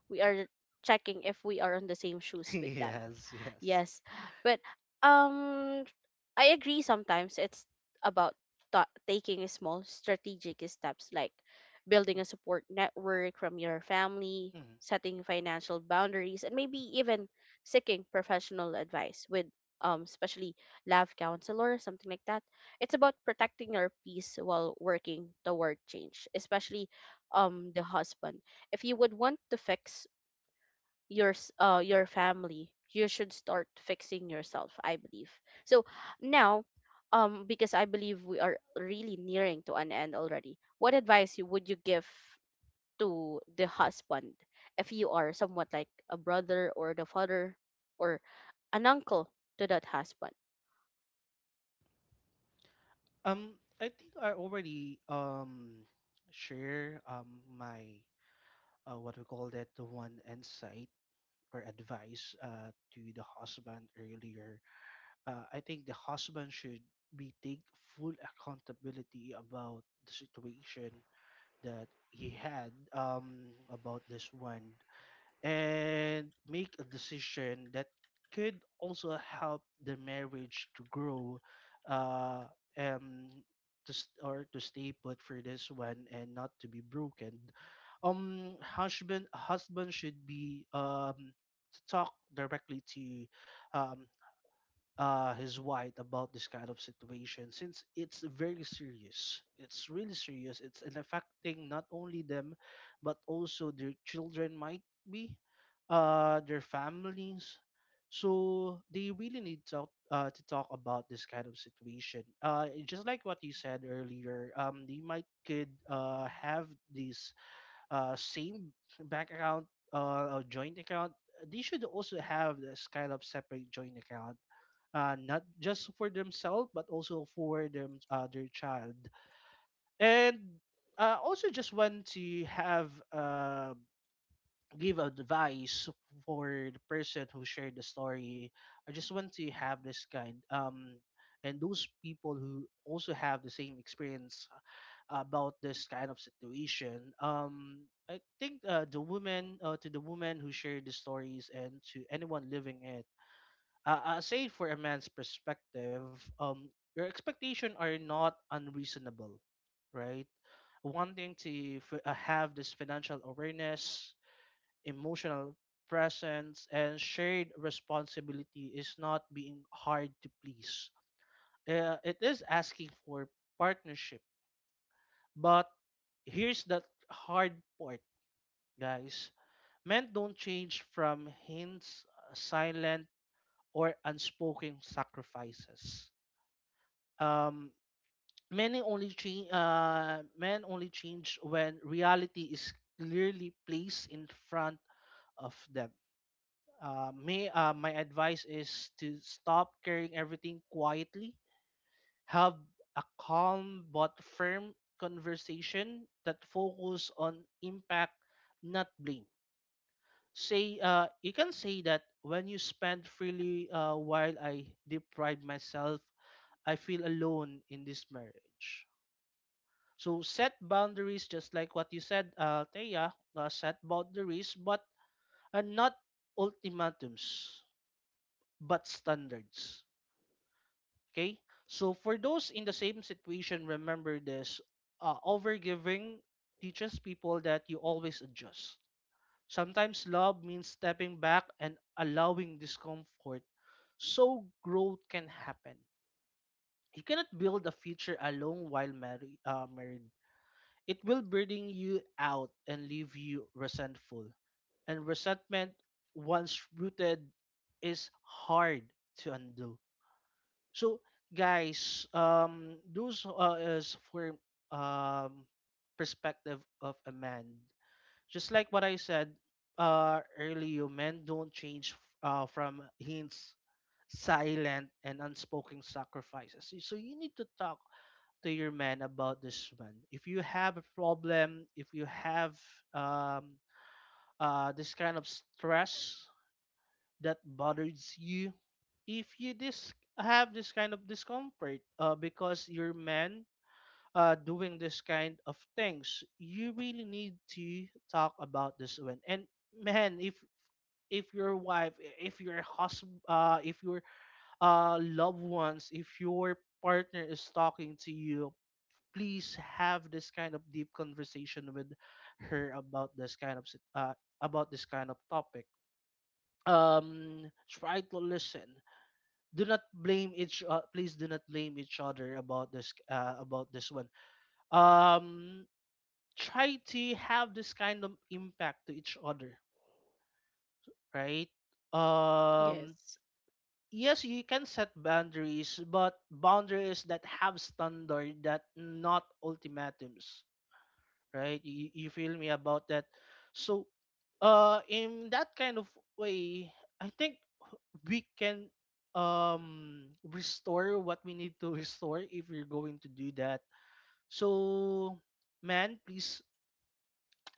A: we are checking if we are on the same
B: [LAUGHS]
A: shoes with them.
B: Yes, yes.
A: Yes. But um I agree, sometimes it's about ta taking small strategic steps like building a support network from your family,
B: Mhm.
A: setting financial boundaries, and maybe even seeking professional advice with um especially love counselor, something like that. It's about protecting your peace while working toward change, especially um the husband. If you would want to fix your s- uh your family, you should start fixing yourself, I believe. So now, um because I believe we are really nearing to an end already, what advice you would you give to the husband if you are somewhat like a brother or the father or an uncle to that husband?
B: Um, I think I already um share um my uh, what we call that, the one insight or advice uh, to the husband earlier. uh, I think the husband should be take full accountability about the situation that he had, um, about this one, and make a decision that could also help the marriage to grow, uh, and to s or to stay put for this one and not to be broken. um husband husband should be um to talk directly to um uh, his wife about this kind of situation, since it's very serious. It's really serious. It's an affecting not only them, but also their children might be, uh, their families. So they really need to uh, to talk about this kind of situation. Uh, just like what you said earlier, um, they might could, uh, have this uh, same bank account uh, or joint account. They should also have this kind of separate joint account, uh, not just for themselves but also for them, uh, their child. And uh, also just want to have, uh, give advice for the person who shared the story. I just want to have this kind, um and those people who also have the same experience about this kind of situation. um I think, uh, the woman, uh, to the woman who shared the stories and to anyone living it, uh, uh, say for a man's perspective, um, your expectations are not unreasonable, right? Wanting to f- uh, have this financial awareness, emotional presence, and shared responsibility is not being hard to please. Uh, it is asking for partnership, but here's the hard part, guys. Men don't change from hints, uh, silent, or unspoken sacrifices. um many only change uh Men only change when reality is clearly placed in front of them. Uh, may uh, My advice is to stop carrying everything quietly. Have a calm but firm conversation that focus on impact, not blame. Say, uh, you can say that when you spend freely, uh, while I deprive myself, I feel alone in this marriage. So set boundaries, just like what you said, uh, Thea, uh, set boundaries, but are not ultimatums, but standards. Okay. So for those in the same situation, remember this: uh, overgiving teaches people that you always adjust. Sometimes love means stepping back and allowing discomfort, so growth can happen. You cannot build a future alone while married. Uh, married it will burden you out and leave you resentful. And resentment, once rooted, is hard to undo. So, guys, um, those, uh, is for um perspective of a man. Just like what I said uh earlier, men don't change uh from hints, silent and unspoken sacrifices. So so you need to talk to your man about this one. If you have a problem, if you have, um, uh, this kind of stress that bothers you, if you dis- have this kind of discomfort, uh, because your man, uh, doing this kind of things, you really need to talk about this one. And man, if if your wife, if your husband, uh, if your uh, loved ones, if your partner is talking to you, please have this kind of deep conversation with her about this kind of sit- uh, about this kind of topic. Um try to listen. Do not blame each, uh, please do not blame each other about this, uh, about this one. um Try to have this kind of impact to each other, right? um
A: Yes.
B: yes, you can set boundaries but boundaries that have standard, that not ultimatums, right? You, you feel me about that? So, uh, in that kind of way, I think we can um restore what we need to [LAUGHS] restore if we're going to do that. So, man, please,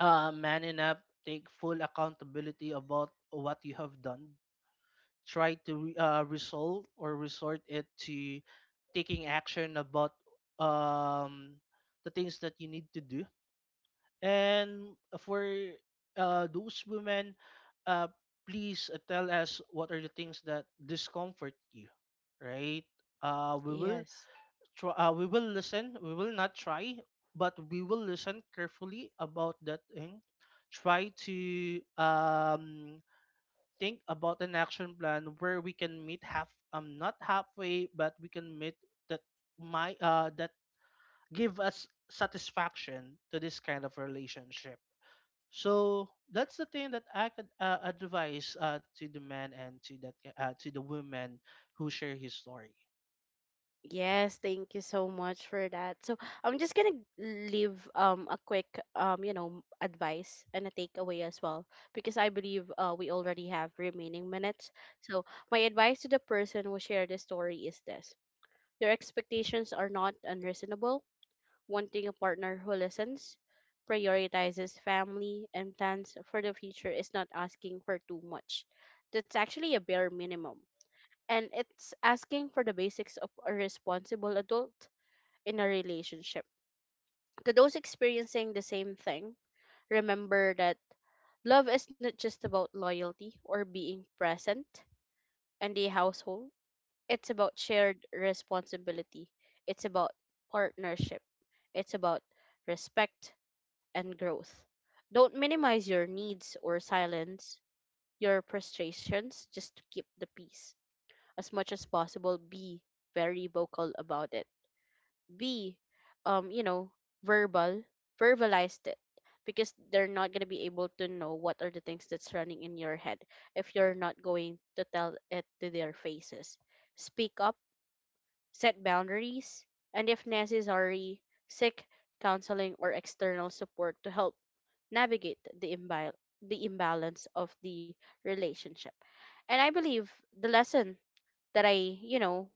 B: uh, man up. Take full accountability about what you have done. Try to uh, resolve or resort it to taking action about um the things that you need to do. And for, uh, those women, uh, please, uh, tell us what are the things that discomfort you, right? Uh, we will
A: Yes.
B: try. Uh, we will listen. We will not try, but we will listen carefully about that thing. Try to, um, think about an action plan where we can meet half. Um, not halfway, but we can meet that, my uh that give us satisfaction to this kind of relationship. So that's the thing that I could, uh, advise, uh, to the man and to that, uh, to the woman who share his story.
A: Yes, thank you so much for that. So I'm just gonna leave um a quick um you know advice and a takeaway as well, because I believe uh we already have remaining minutes. So my advice to the person who shared the story is this: your expectations are not unreasonable. Wanting a partner who listens, prioritizes family, and plans for the future is not asking for too much. That's actually a bare minimum, and it's asking for the basics of a responsible adult in a relationship. To those experiencing the same thing, remember that love is not just about loyalty or being present in the household. It's about shared responsibility, it's about partnership, it's about respect and growth. Don't minimize your needs or silence your frustrations just to keep the peace. As much as possible, be very vocal about it. Be um you know verbal verbalized it, because they're not going to be able to know what are the things that's running in your head if you're not going to tell it to their faces. Speak up, set boundaries, and if necessary, seek counseling or external support to help navigate the imbal- the imbalance of the relationship. And I believe the lesson that I, you know,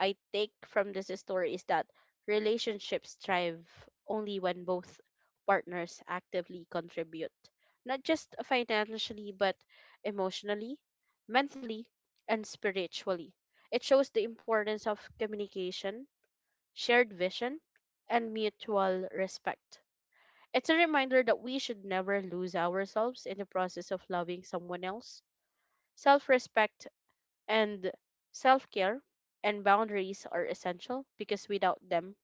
A: I take from this story is that relationships thrive only when both partners actively contribute, not just financially, but emotionally, mentally, and spiritually. It shows the importance of communication, shared vision, and mutual respect. It's a reminder that we should never lose ourselves in the process of loving someone else. Self respect and self care and boundaries are essential because without them,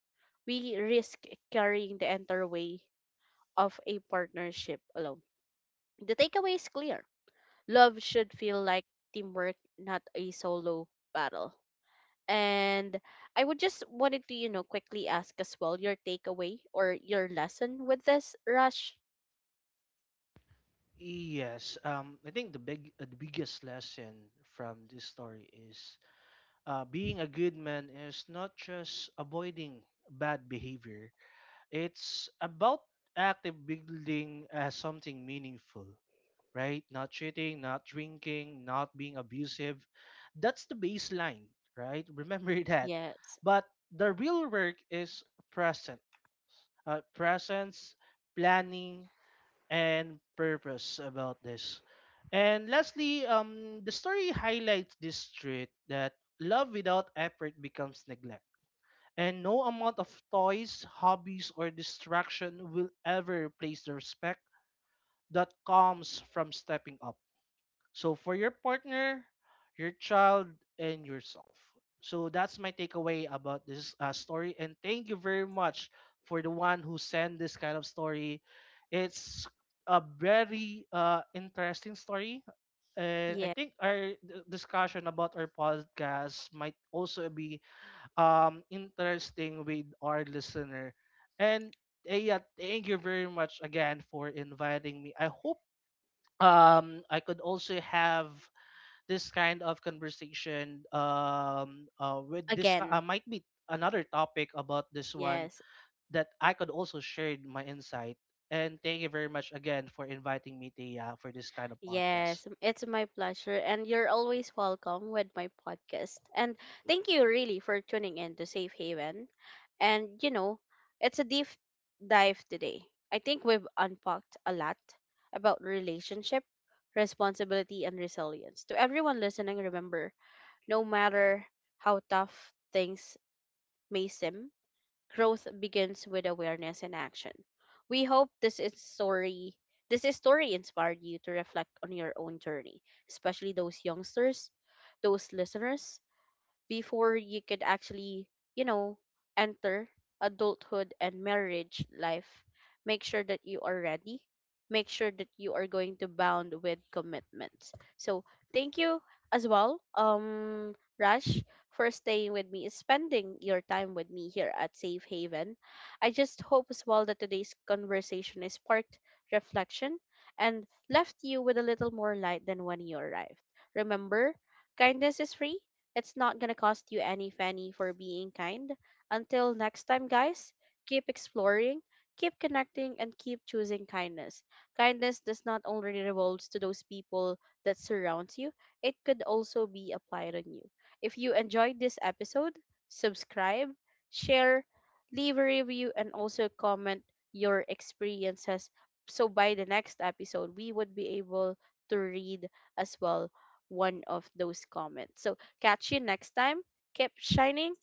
A: we risk carrying the entire weight of a partnership alone. The takeaway is clear: love should feel like teamwork, not a solo battle. And I would just wanted to, you know, quickly ask as well your takeaway or your lesson with this, Rush.
B: Yes, um, I think the big, uh, the biggest lesson from this story is, uh, being a good man is not just avoiding bad behavior. It's about active building, uh, something meaningful. Right? Not cheating, not drinking, not being abusive. That's the baseline, right? Remember [LAUGHS] that.
A: Yes.
B: But the real work is present, uh, presence, planning, and purpose about this. And lastly, um, the story highlights this truth that love without effort becomes neglect. And no amount of toys, hobbies, or distraction will ever replace the respect that comes from stepping up, so for your partner, your child, and yourself. So that's my takeaway about this, uh, story. And thank you very much for the one who sent this kind of story. It's a very, uh, interesting story, and I
A: Yeah.
B: think our d- discussion about our podcast might also be, um, interesting with our listener. And, uh, yeah, thank you very much again for inviting me. I hope, um I could also have this kind of conversation, um uh, with this ki- uh,
A: Again.
B: might be another topic about this one
A: Yes.
B: that I could also share my insight. And thank you very much again for inviting me, Thea, for this kind of
A: Yes,
B: podcast.
A: it's my pleasure, and you're always welcome with my podcast. And thank you really for tuning in to Safe Haven. And you know, it's a deep dive today. I think we've unpacked a lot about relationship, responsibility, and resilience. To everyone listening, remember, no matter how tough things may seem, growth begins with awareness and action. We hope this is story this is story inspired you to reflect on your own journey, especially those youngsters, those listeners, before you could actually, you know, enter adulthood and marriage life. Make sure that you are ready. Make sure that you are going to bound with commitments. So thank you as well, um, Raj, for staying with me, spending your time with me here at Safe Haven. I just hope as well that today's conversation is sparked reflection and left you with a little more light than when you arrived. Remember, kindness is free, it's not gonna cost you any fanny for being kind. Until next time, guys, keep exploring, keep connecting, and keep choosing kindness. Kindness does not only revolves to those people that surrounds you, it could also be applied on you. If you enjoyed this episode, subscribe, share, leave a review, and also comment your experiences. So by the next episode, we would be able to read as well one of those comments. So catch you next time. Keep shining,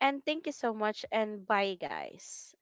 A: and thank you so much and bye guys.